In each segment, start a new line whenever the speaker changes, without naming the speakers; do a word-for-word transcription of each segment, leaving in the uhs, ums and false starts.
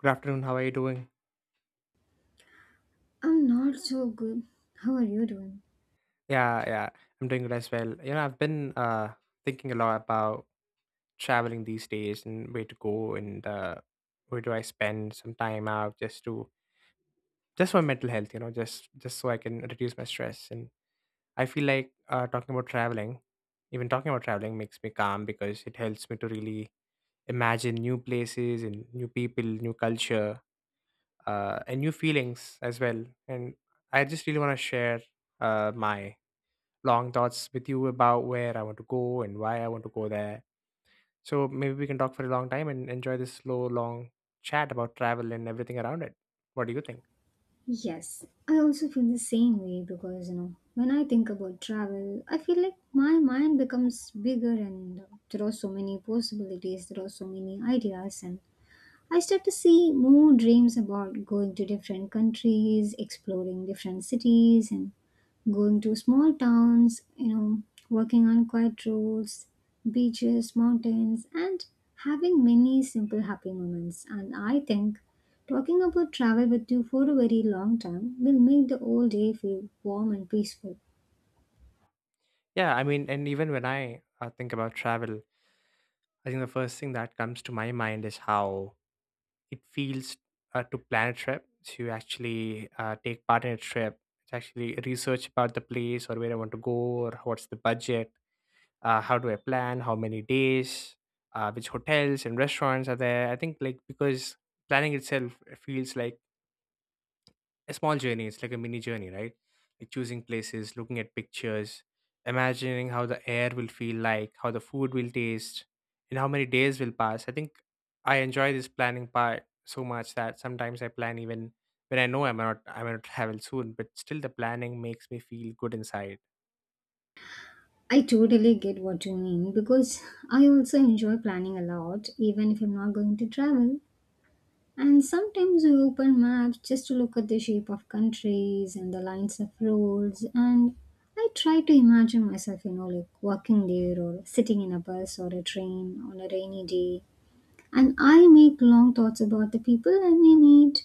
Good afternoon. How are you doing?
I'm not so good. How are you doing?
Yeah, yeah, I'm doing good as well. You know, I've been uh thinking a lot about traveling these days and where to go, and uh where do I spend some time out, just to just for mental health, you know, just just so I can reduce my stress. And I feel like uh talking about traveling, even talking about traveling makes me calm because it helps me to really imagine new places and new people, new culture, uh and new feelings as well. And I just really want to share uh my long thoughts with you about where I want to go and why I want to go there. So maybe we can talk for a long time and enjoy this slow, long chat about travel and everything around it. What do you think?
Yes, I also feel the same way because you know, when I think about travel, I feel like my mind becomes bigger and there are so many possibilities, there are so many ideas and I start to see more dreams about going to different countries, exploring different cities, and going to small towns, you know, working on quiet roads, beaches, mountains, and having many simple happy moments. And I think talking about travel with you for a very long time will make the whole day feel warm and peaceful.
Yeah, I mean, and even when I uh, think about travel, I think the first thing that comes to my mind is how it feels, uh, to plan a trip, to actually uh, take part in a trip, to actually research about the place or where I want to go or what's the budget, uh, how do I plan, how many days, uh, which hotels and restaurants are there. I think, like, because planning itself feels like a small journey. It's like a mini journey, right? Like choosing places, looking at pictures, imagining how the air will feel, like how the food will taste and how many days will pass. I think I enjoy this planning part so much that sometimes I plan even when I know I'm not, I'm going to travel soon, but still the planning makes me feel good inside.
I totally get what you mean because I also enjoy planning a lot, even if I'm not going to travel. And sometimes I open maps just to look at the shape of countries and the lines of roads. And I try to imagine myself, you know, like walking there or sitting in a bus or a train on a rainy day. And I make long thoughts about the people I may meet,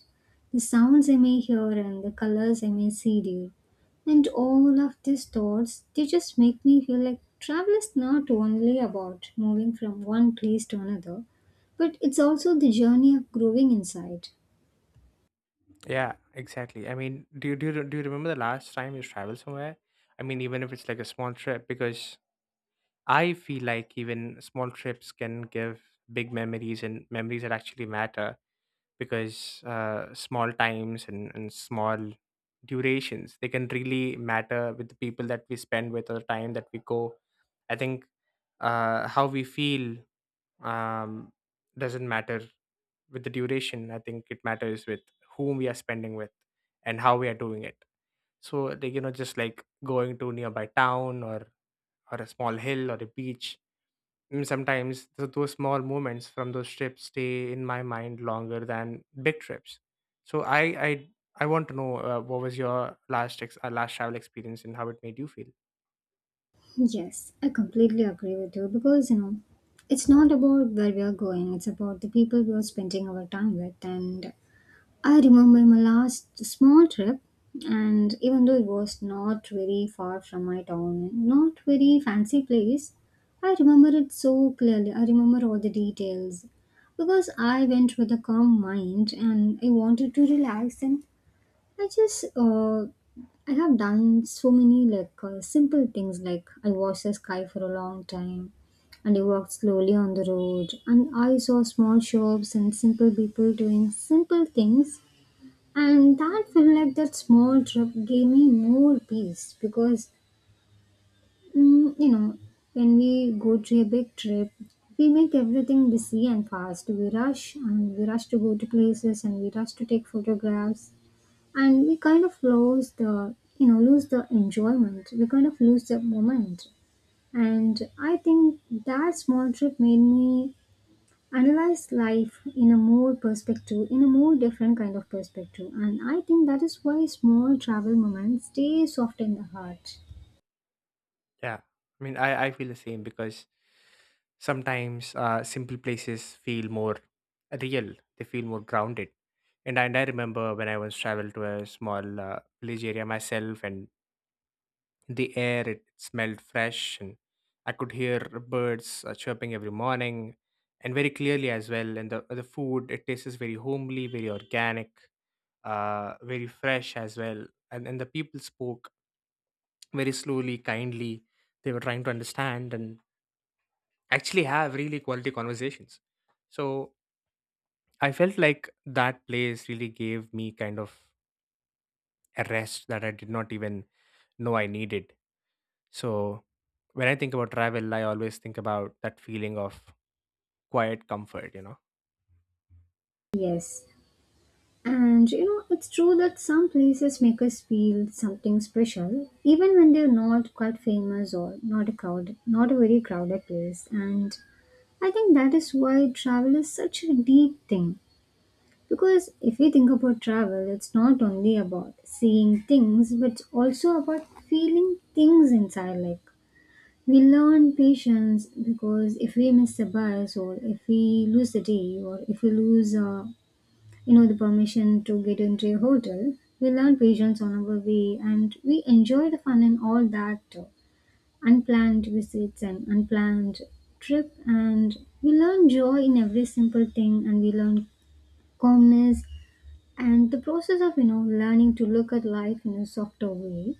the sounds I may hear, and the colors I may see there. And all of these thoughts, they just make me feel like travel is not only about moving from one place to another, but it's also the journey of growing inside.
Yeah, exactly. I mean, do you do you, do you remember the last time you traveled somewhere? I mean, even if it's like a small trip, because I feel like even small trips can give big memories and memories that actually matter. Because uh, small times and, and small durations, they can really matter with the people that we spend with or the time that we go. I think uh, how we feel um, doesn't matter with the duration. I think it matters with whom we are spending with and how we are doing it. So, like, you know, just like going to nearby town, or or a small hill or a beach. Mm, sometimes th- those small moments from those trips stay in my mind longer than big trips. So i i i want to know, uh, what was your last ex- uh, last travel experience and how it made you feel?
Yes, I completely agree with you because you know it's not about where we are going, it's about the people we are spending our time with, and I remember my last small trip, and even though it was not very far from my town, not very fancy place, I remember it so clearly. I remember all the details because I went with a calm mind and I wanted to relax, and I just uh, I have done so many like uh, simple things like I watched the sky for a long time and I walked slowly on the road and I saw small shops and simple people doing simple things, and that felt like that small trip gave me more peace because, mm, you know, when we go to a big trip, we make everything busy and fast. We rush and we rush to go to places and we rush to take photographs, and we kind of lose the, you know, lose the enjoyment. We kind of lose the moment. And I think that small trip made me analyze life in a more perspective, in a more different kind of perspective, and I think that is why small travel moments stay soft in the heart.
Yeah. I mean, I, I feel the same because sometimes uh, simple places feel more real, they feel more grounded. And I, and I remember when I once traveled to a small uh, village area myself, and the air, it smelled fresh, and I could hear birds uh, chirping every morning, and very clearly as well. And the the food, it tastes very homely, very organic, uh, very fresh as well. And and the people spoke very slowly, kindly. They were trying to understand, and actually have really quality conversations. So I felt like that place really gave me kind of a rest that I did not even know I needed. So when I think about travel, I always think about that feeling of quiet comfort, you know.
Yes. And you know it's true that some places make us feel something special even when they're not quite famous, or not a crowd, not a very crowded place. And I think that is why travel is such a deep thing. Because if we think about travel, it's not only about seeing things, but it's also about feeling things inside. Like, we learn patience, because if we miss a bus, or if we lose the day, or if we lose, uh, you know, the permission to get into a hotel, we learn patience on our way, and we enjoy the fun and all that uh, unplanned visits and unplanned trip, and we learn joy in every simple thing, and we learn calmness, and the process of you know learning to look at life in a softer way.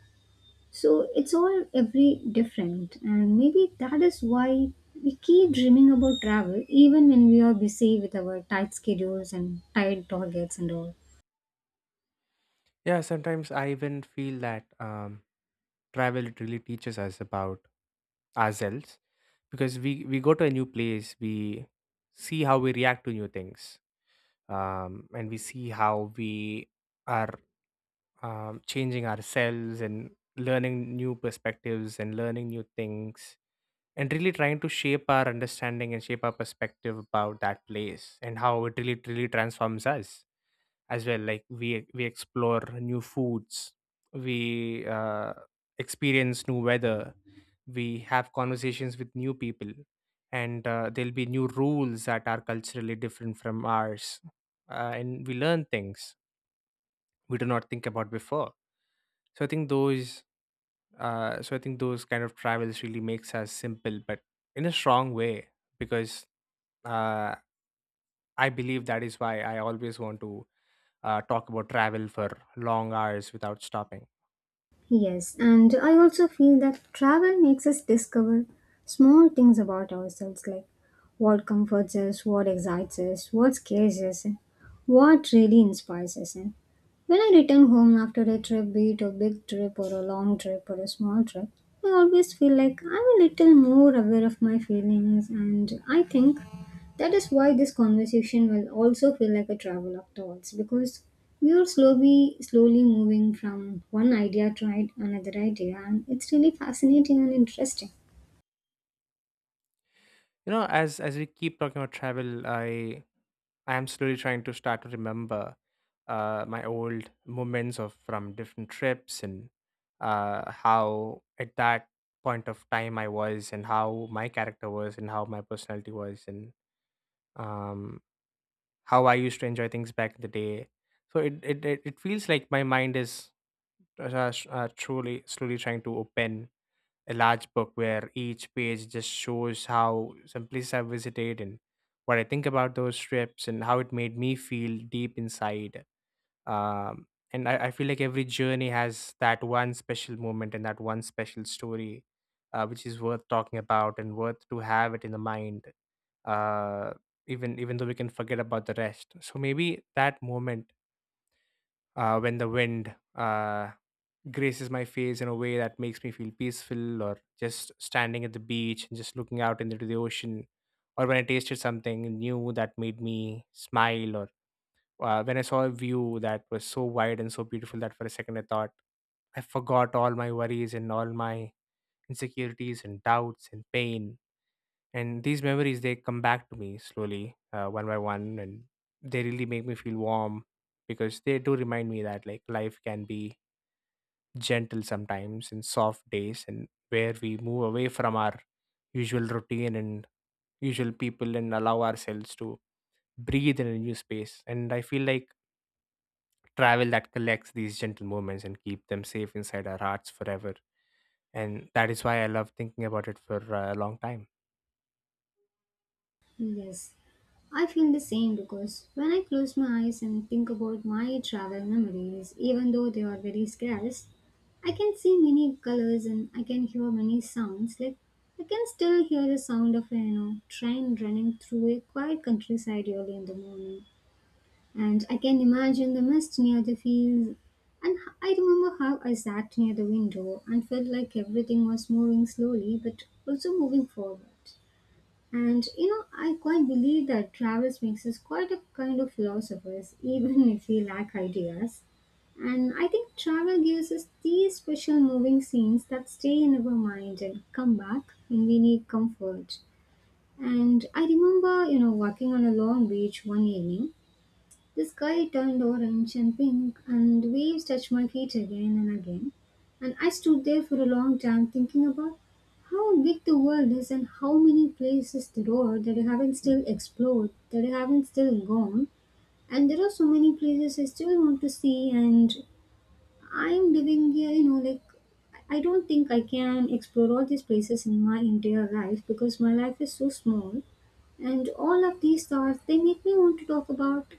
So it's all every different, and maybe that is why we keep dreaming about travel even when we are busy with our tight schedules and tight targets and all.
Yeah, sometimes I even feel that um, travel, it really teaches us about ourselves because we we go to a new place, we see how we react to new things. um, and we see how we are, um, changing ourselves and learning new perspectives and learning new things, and really trying to shape our understanding and shape our perspective about that place and how it really really transforms us as well. Like we we explore new foods, we uh, experience new weather, we have conversations with new people, and uh, there'll be new rules that are culturally different from ours, uh, and we learn things we do not think about before. So I think those uh, so i think those kind of travels really makes us simple but in a strong way, because uh, I believe that is why I always want to uh, talk about travel for long hours without stopping.
Yes, and I also feel that travel makes us discover small things about ourselves, like what comforts us, what excites us, what scares us, and what really inspires us. And when I return home after a trip, be it a big trip or a long trip or a small trip, I always feel like I'm a little more aware of my feelings, and I think that is why this conversation will also feel like a travel of thoughts, because we are slowly, slowly moving from one idea to another idea, and it's really fascinating and interesting.
You know, as as we keep talking about travel, I I am slowly trying to start to remember uh, my old moments of from different trips, and uh, how at that point of time I was and how my character was and how my personality was, and um, how I used to enjoy things back in the day. So it it it, it feels like my mind is uh, s- uh, truly slowly trying to open a large book where each page just shows how some places I visited and what I think about those trips and how it made me feel deep inside. Um, and I, I feel like every journey has that one special moment and that one special story, uh, which is worth talking about and worth to have it in the mind. Uh, even even though we can forget about the rest. So maybe that moment, uh, when the wind uh, graces my face in a way that makes me feel peaceful, or just standing at the beach and just looking out into the ocean, or when I tasted something new that made me smile, or uh, when I saw a view that was so wide and so beautiful that for a second I thought I forgot all my worries and all my insecurities and doubts and pain. And these memories, they come back to me slowly, uh, one by one, and they really make me feel warm because they do remind me that, like, life can be gentle sometimes in soft days, and where we move away from our usual routine and usual people and allow ourselves to breathe in a new space. And I feel like travel that collects these gentle moments and keep them safe inside our hearts forever. And that is why I love thinking about it for uh, a long time.
Yes. I feel the same, because when I close my eyes and think about my travel memories, even though they are very scarce, I can see many colors and I can hear many sounds. Like, I can still hear the sound of a, you know, train running through a quiet countryside early in the morning, and I can imagine the mist near the fields. And h- I remember how I sat near the window and felt like everything was moving slowly but also moving forward. And you know, I quite believe that Travis makes us quite a kind of philosophers, even if we lack ideas. And I think travel gives us these special moving scenes that stay in our mind and come back when we need comfort. And I remember, you know, walking on a long beach one evening, the sky turned orange and pink, and the waves touched my feet again and again. And I stood there for a long time thinking about how big the world is and how many places there are that I haven't still explored, that I haven't still gone. And there are so many places I still want to see, and I'm living here, you know, like, I don't think I can explore all these places in my entire life because my life is so small. And all of these thoughts, they make me want to talk about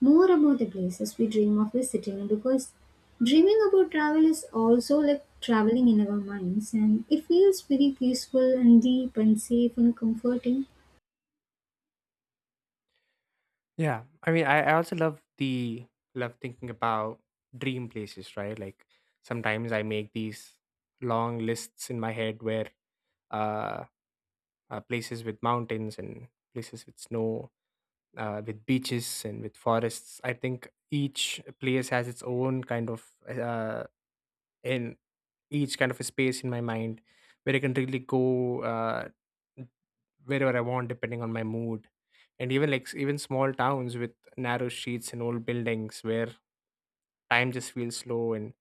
more about the places we dream of visiting, because dreaming about travel is also like traveling in our minds, and it feels very peaceful and deep and safe and comforting.
Yeah, I mean, I, I also love the love thinking about dream places, right? Like sometimes I make these long lists in my head, where uh uh, places with mountains and places with snow, uh, with beaches and with forests. I think each place has its own kind of, uh, in each kind of a space in my mind where I can really go uh, wherever I want, depending on my mood. And even like s- even small towns with narrow streets and old buildings where time just feels slow, and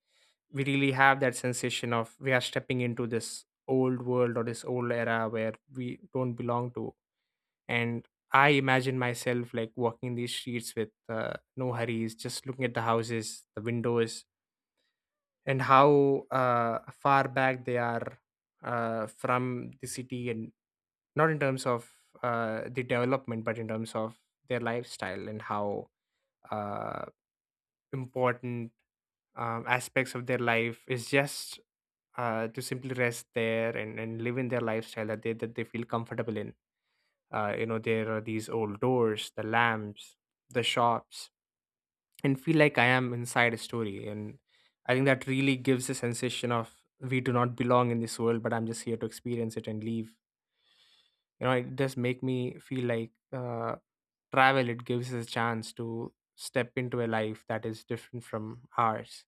we really have that sensation of we are stepping into this old world or this old era where we don't belong to. And I imagine myself, like, walking these streets with uh, no hurries, just looking at the houses, the windows, and how uh, far back they are, uh, from the city, and not in terms of uh, the development but in terms of their lifestyle and how uh, important um, aspects of their life is, just uh, to simply rest there and, and live in their lifestyle that they that they feel comfortable in. Uh, you know, there are these old doors, the lamps, the shops, and feel like I am inside a story. And I think that really gives a sensation of we do not belong in this world, but I'm just here to experience it and leave. You know, it does make me feel like uh, travel, it gives us a chance to step into a life that is different from ours.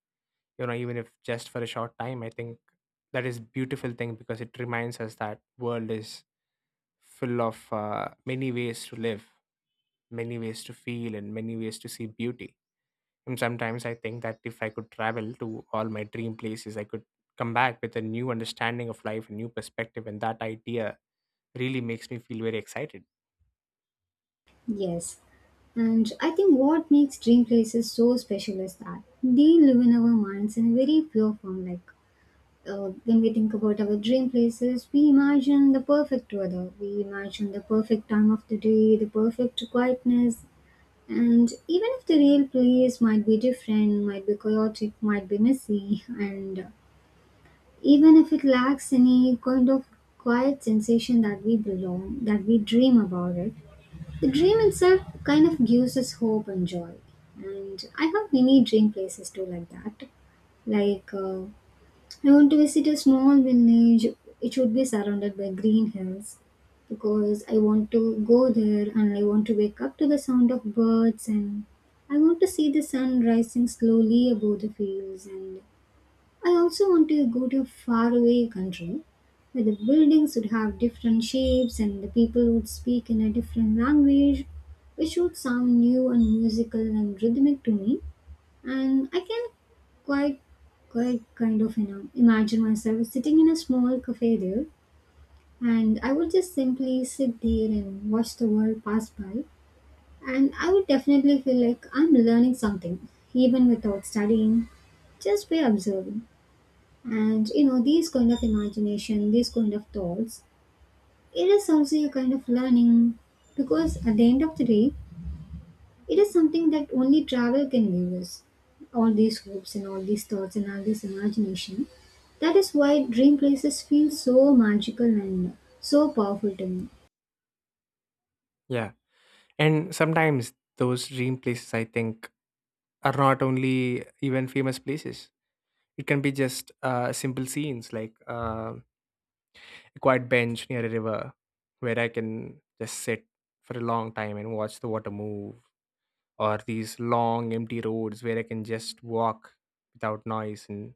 You know, even if just for a short time, I think that is beautiful thing because it reminds us that world is full of uh, many ways to live, many ways to feel, and many ways to see beauty. And sometimes I think that if I could travel to all my dream places, I could come back with a new understanding of life, a new perspective, and that idea really makes me feel very excited.
Yes. And I think what makes dream places so special is that they live in our minds in a very pure form. Like, uh, when we think about our dream places, we imagine the perfect weather, we imagine the perfect time of the day, the perfect quietness. And even if the real place might be different, might be chaotic, might be messy, and even if it lacks any kind of quiet sensation that we belong, that we dream about it, the dream itself kind of gives us hope and joy. And I have many dream places too, like that. Like uh, I want to visit a small village. It should be surrounded by green hills, because I want to go there and I want to wake up to the sound of birds, and I want to see the sun rising slowly above the fields. And I also want to go to a faraway country where the buildings would have different shapes and the people would speak in a different language which would sound new and musical and rhythmic to me. And I can quite, quite kind of, you know, imagine myself sitting in a small cafe there, and I would just simply sit there and watch the world pass by. And I would definitely feel like I'm learning something, even without studying, just by observing. And you know, these kind of imagination, these kind of thoughts, it is also a kind of learning, because at the end of the day, it is something that only travel can give us. All these hopes and all these thoughts and all this imagination. That is why dream places feel so magical and so powerful to me.
Yeah. And sometimes those dream places, I think, are not only even famous places. It can be just uh, simple scenes like uh, a quiet bench near a river where I can just sit for a long time and watch the water move, or these long empty roads where I can just walk without noise, and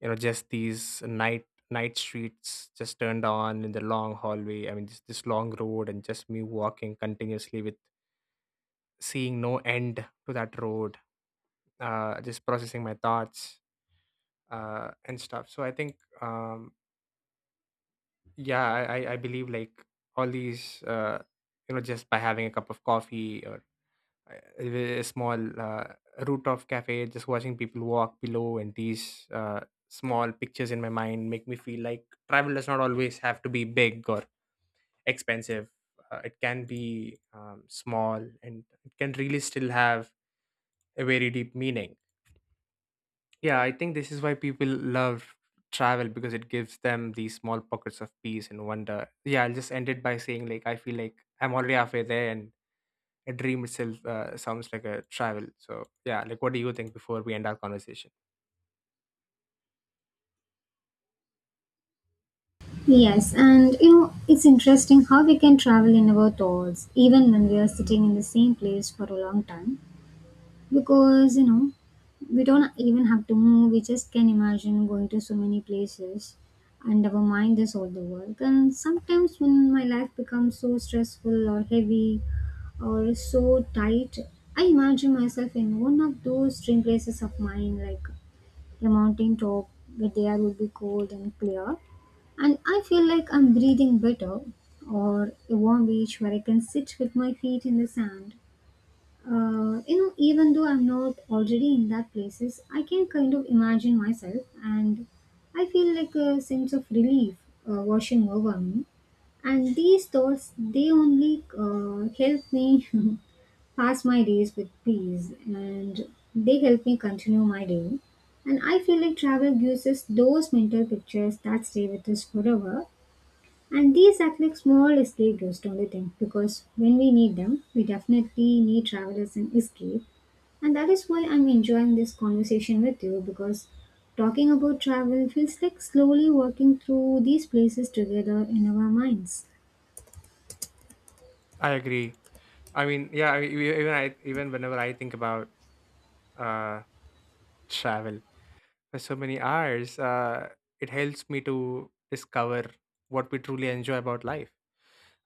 you know just these night night streets just turned on in the long hallway. I mean, just this long road and just me walking continuously with seeing no end to that road, uh, just processing my thoughts, uh, and stuff. So I think. Um, yeah, i i I believe, like, all these uh you know just by having a cup of coffee, or uh, a small, uh, rooftop cafe, just watching people walk below, and these uh, small pictures in my mind make me feel like travel does not always have to be big or expensive. Uh, it can be um, small, and it can really still have a very deep meaning. Yeah, I think this is why people love travel, because it gives them these small pockets of peace and wonder. Yeah, I'll just end it by saying, like, I feel like I'm already halfway there, and a dream itself uh, sounds like a travel. So, yeah, like, what do you think before we end our conversation?
Yes, and you know, it's interesting how we can travel in our thoughts even when we are sitting in the same place for a long time. Because, you know, we don't even have to move, we just can imagine going to so many places, and our mind is all the work. And sometimes when my life becomes so stressful or heavy or so tight, I imagine myself in one of those dream places of mine, like a mountain top where the air would be cold and clear and I feel like I'm breathing better, or a warm beach where I can sit with my feet in the sand. Uh, you know, even though I'm not already in that places, I can kind of imagine myself, and I feel like a sense of relief uh, washing over me. And these thoughts, they only uh, help me pass my days with peace, and they help me continue my day. And I feel like travel gives us those mental pictures that stay with us forever, and these act like small escape routes, don't you think? Because when we need them, we definitely need travel as an escape. And that is why I'm enjoying this conversation with you, because talking about travel feels like slowly working through these places together in our minds.
I agree. I mean, yeah, I mean, e- even I even whenever I think about uh travel, for so many hours, uh, it helps me to discover what we truly enjoy about life.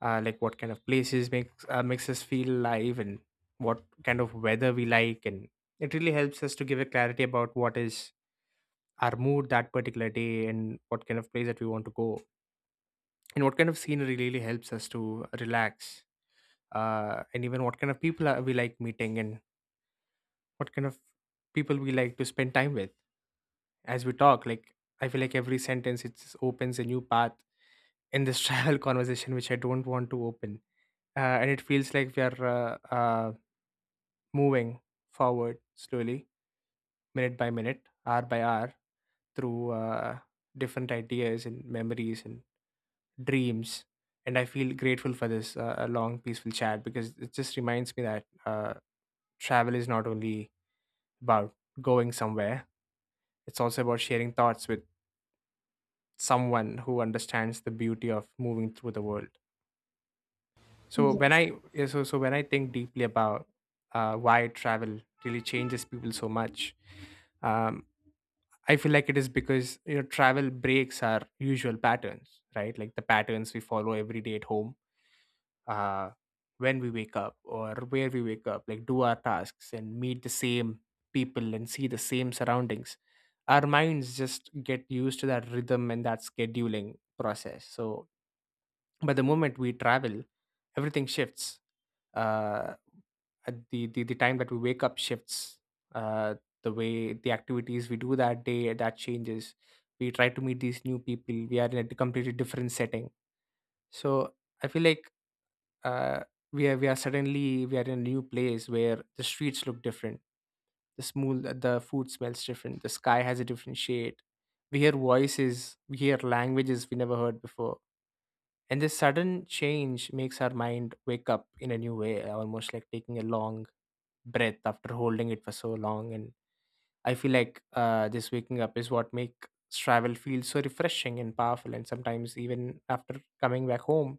Uh, like, what kind of places makes uh, makes us feel alive, and what kind of weather we like, and it really helps us to give a clarity about what is our mood that particular day, and what kind of place that we want to go, and what kind of scenery really helps us to relax, uh, and even what kind of people are we like meeting, and what kind of people we like to spend time with as we talk. Like, I feel like every sentence, it just opens a new path in this travel conversation, which I don't want to open. Uh, and it feels like we are uh, uh, moving forward slowly, minute by minute, hour by hour, through uh, different ideas and memories and dreams. And I feel grateful for this uh, a long peaceful chat, because it just reminds me that uh, travel is not only about going somewhere. It's also about sharing thoughts with someone who understands the beauty of moving through the world. So when
Yes.
I Yeah, so so when I think deeply about uh, why travel really changes people so much, um, I feel like it is because you know travel breaks our usual patterns, right? Like, the patterns we follow every day at home, uh, when we wake up, or where we wake up, like, do our tasks and meet the same people and see the same surroundings. Our minds just get used to that rhythm and that scheduling process. So, but the moment we travel, everything shifts. Uh, at the, the the time that we wake up shifts. Uh, the way, the activities we do that day, that changes. We try to meet these new people. We are in a completely different setting. So I feel like uh, we are we are suddenly we are in a new place where the streets look different. The small the food smells different. The sky has a different shade. We hear voices. We hear languages we never heard before. And this sudden change makes our mind wake up in a new way, almost like taking a long breath after holding it for so long. And I feel like uh, this waking up is what makes travel feel so refreshing and powerful. And sometimes, even after coming back home,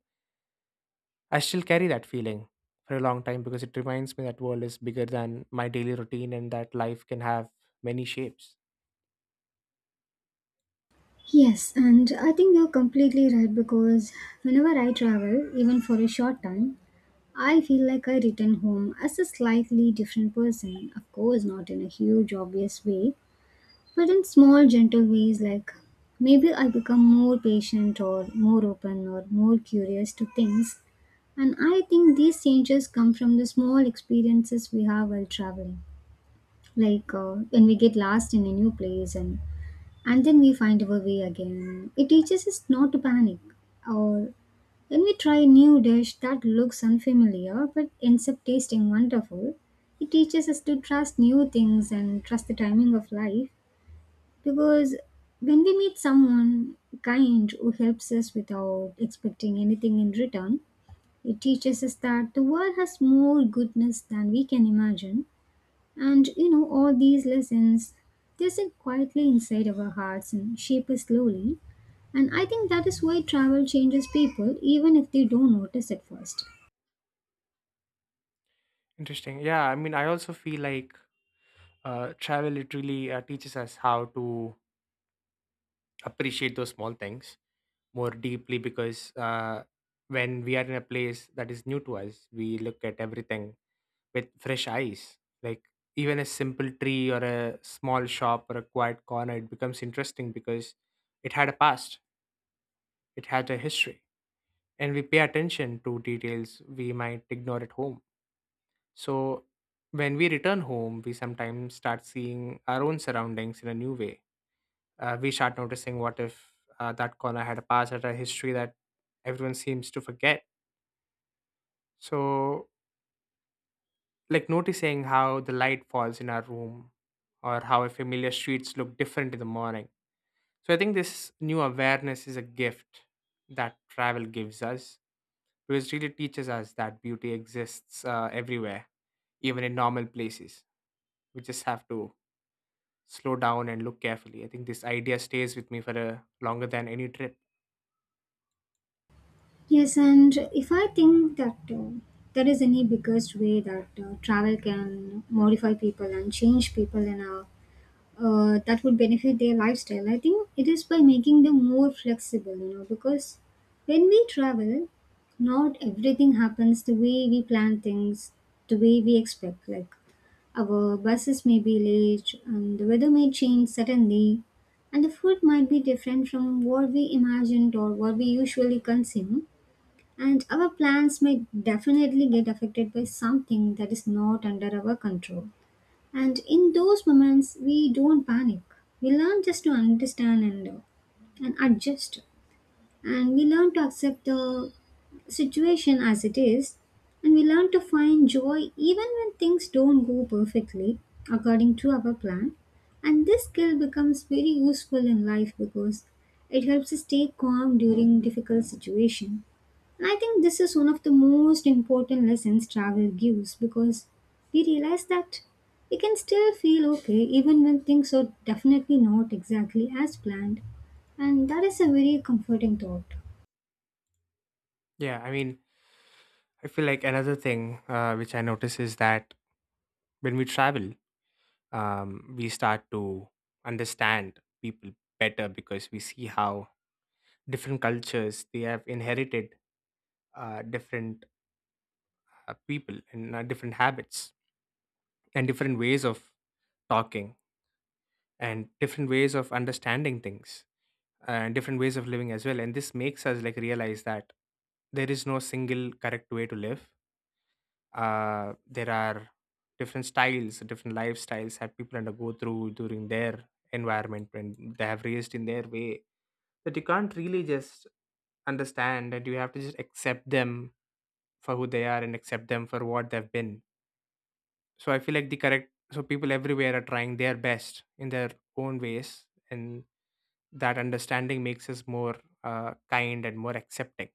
I still carry that feeling for a long time, because it reminds me that world is bigger than my daily routine, and that life can have many shapes.
Yes, and I think you're completely right, because whenever I travel, even for a short time, I feel like I return home as a slightly different person. Of course, not in a huge, obvious way, but in small gentle ways like maybe I become more patient or more open or more curious to things and I think these changes come from the small experiences we have while traveling like uh, when we get lost in a new place and and then we find our way again. It teaches us not to panic. Or when we try a new dish that looks unfamiliar but ends up tasting wonderful, it teaches us to trust new things and trust the timing of life. Because when we meet someone kind who helps us without expecting anything in return, it teaches us that the world has more goodness than we can imagine. And you know, all these lessons, they sit quietly inside our hearts and shape us slowly. And I think that is why travel changes people, even if they don't notice at first.
Interesting. Yeah, I mean, I also feel like uh, travel, it really uh, teaches us how to appreciate those small things more deeply, because uh, when we are in a place that is new to us, we look at everything with fresh eyes. Like, even a simple tree or a small shop or a quiet corner, it becomes interesting because it had a past, it had a history, and we pay attention to details we might ignore at home. So, when we return home, we sometimes start seeing our own surroundings in a new way. Uh, we start noticing, what if uh, that corner had a past or a history that everyone seems to forget. So, like, noticing how the light falls in our room, or how a familiar streets look different in the morning. So, I think this new awareness is a gift that travel gives us, because it really teaches us that beauty exists uh, everywhere, even in normal places. We just have to slow down and look carefully. I think this idea stays with me for a longer than any trip.
Yes, and if I think that uh, there is any biggest way that uh, travel can modify people and change people in a uh, that would benefit their lifestyle. I think it is by making them more flexible, you know, because when we travel, not everything happens the way we plan things, the way we expect. Like our buses may be late, and the weather may change suddenly, and the food might be different from what we imagined or what we usually consume. And our plans may definitely get affected by something that is not under our control. And in those moments, we don't panic. We learn just to understand and, uh, and adjust. And we learn to accept the situation as it is. And we learn to find joy even when things don't go perfectly according to our plan. And this skill becomes very useful in life because it helps us stay calm during difficult situations. And I think this is one of the most important lessons travel gives because we realize that we can still feel okay even when things are definitely not exactly as planned, and that is a very comforting thought.
Yeah, I mean, I feel like another thing uh, which I notice is that when we travel, um, we start to understand people better, because we see how different cultures they have inherited uh, different uh, people, and uh, different habits, and different ways of talking, and different ways of understanding things, and different ways of living as well. And this makes us, like, realize that there is no single correct way to live. Uh, there are different styles, different lifestyles that people undergo through during their environment when they have raised in their way, that you can't really just understand, and you have to just accept them for who they are, and accept them for what they've been. So I feel like the correct so people everywhere are trying their best in their own ways, and that understanding makes us more uh, kind and more accepting.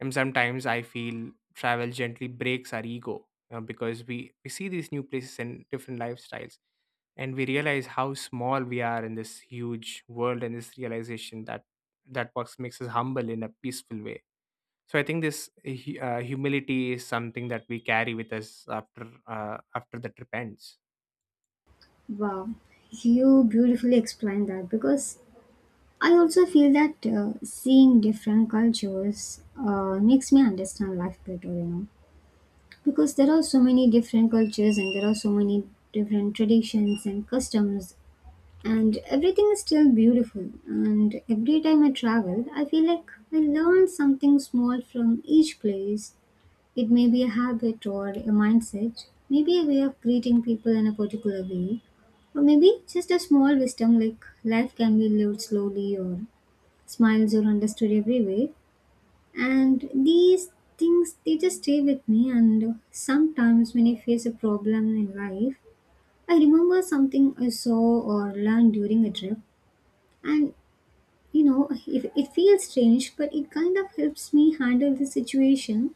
And sometimes I feel travel gently breaks our ego, you know, because we we see these new places and different lifestyles, and we realize how small we are in this huge world, and this realization, that that box, makes us humble in a peaceful way. So I think this hu- uh, humility is something that we carry with us after uh, after the trip ends.
Wow, you beautifully explained that because I also feel that uh, seeing different cultures uh, makes me understand life better, you know, because there are so many different cultures and there are so many different traditions and customs and everything is still beautiful. And every time I travel, I feel like I learn something small from each place. It may be a habit or a mindset, maybe a way of greeting people in a particular way, or maybe just a small wisdom like life can be lived slowly or smiles are understood everywhere. And these things they just stay with me and sometimes when I face a problem in life, I remember something I saw or learned during a trip and you know, it, it feels strange, but it kind of helps me handle the situation.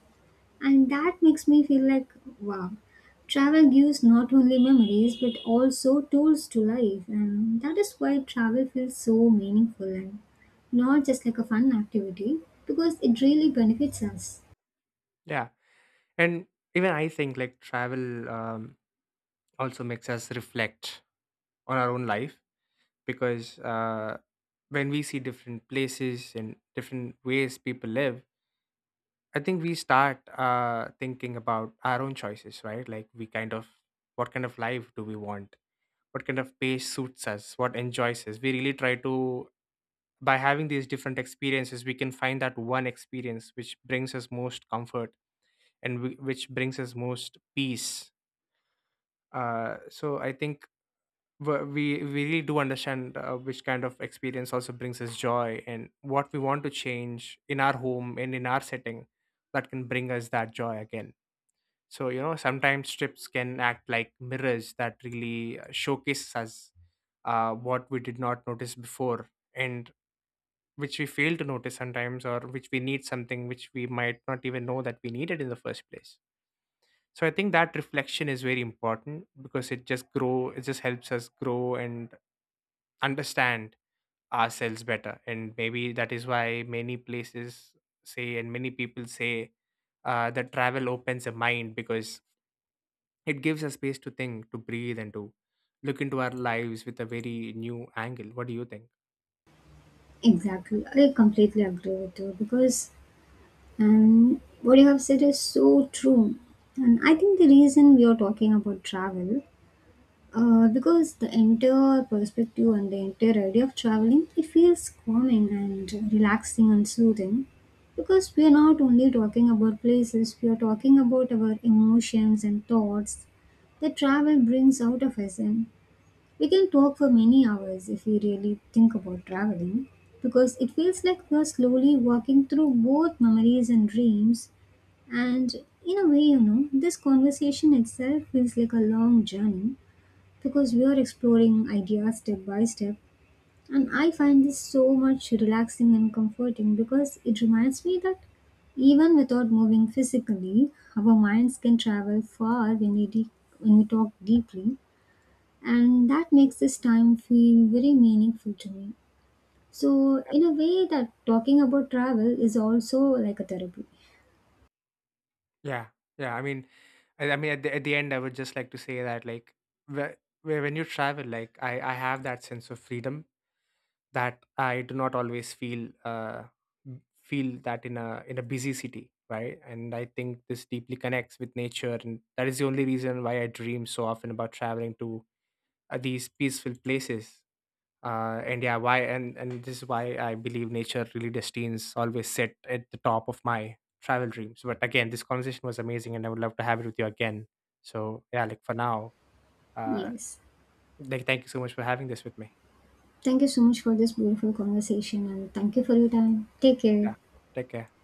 And that makes me feel like, wow, travel gives not only memories but also tools to life. And that is why travel feels so meaningful and not just like a fun activity because it really benefits us.
Yeah. And even, I think, like, travel, um, also makes us reflect on our own life, because uh, when we see different places and different ways people live, I think we start uh, thinking about our own choices, right? Like, we kind of, what kind of life do we want, what kind of pace suits us, what enjoys us. We really try to, by having these different experiences, we can find that one experience which brings us most comfort, and w- which brings us most peace. Uh, so I think, w- we we really do understand uh, which kind of experience also brings us joy, and what we want to change in our home and in our setting that can bring us that joy again. So, you know sometimes trips can act like mirrors that really uh, showcases us uh, what we did not notice before, and which we fail to notice sometimes, or which we need something which we might not even know that we needed in the first place. So I think that reflection is very important, because it just grow it just helps us grow and understand ourselves better. And maybe that is why many places say, and many people say uh, that travel opens the mind, because it gives us space to think, to breathe, and to look into our lives with a very new angle. What do you think?
Exactly. I completely agree with you because um, what you have said is so true. And I think the reason we are talking about travel, uh, because the entire perspective and the entire idea of traveling, it feels calming and relaxing and soothing. Because we are not only talking about places, we are talking about our emotions and thoughts that travel brings out of us. And we can talk for many hours if we really think about traveling, because it feels like we are slowly walking through both memories and dreams. And in a way, you know, this conversation itself feels like a long journey because we are exploring ideas step by step. And I find this so much relaxing and comforting because it reminds me that even without moving physically, our minds can travel far when we, de- when we talk deeply, and that makes this time feel very meaningful to me. So, in a way, that talking about travel is also like a therapy.
Yeah, yeah. I mean, I, I mean, at the, at the end, I would just like to say that, like, wh- wh- when you travel, like, I I have that sense of freedom that I do not always feel uh m- feel that in a in a busy city, right? And I think this deeply connects with nature, and that is the only reason why I dream so often about traveling to uh, these peaceful places. Uh, and yeah, why and and this is why I believe nature really destines always sit at the top of my travel dreams. But again, this conversation was amazing, and I would love to have it with you again. So, yeah, like, for now, uh
Yes.
like, thank you so much for having this with me.
Thank you so much for this beautiful conversation and thank you for your time. Take care.
Yeah, take care.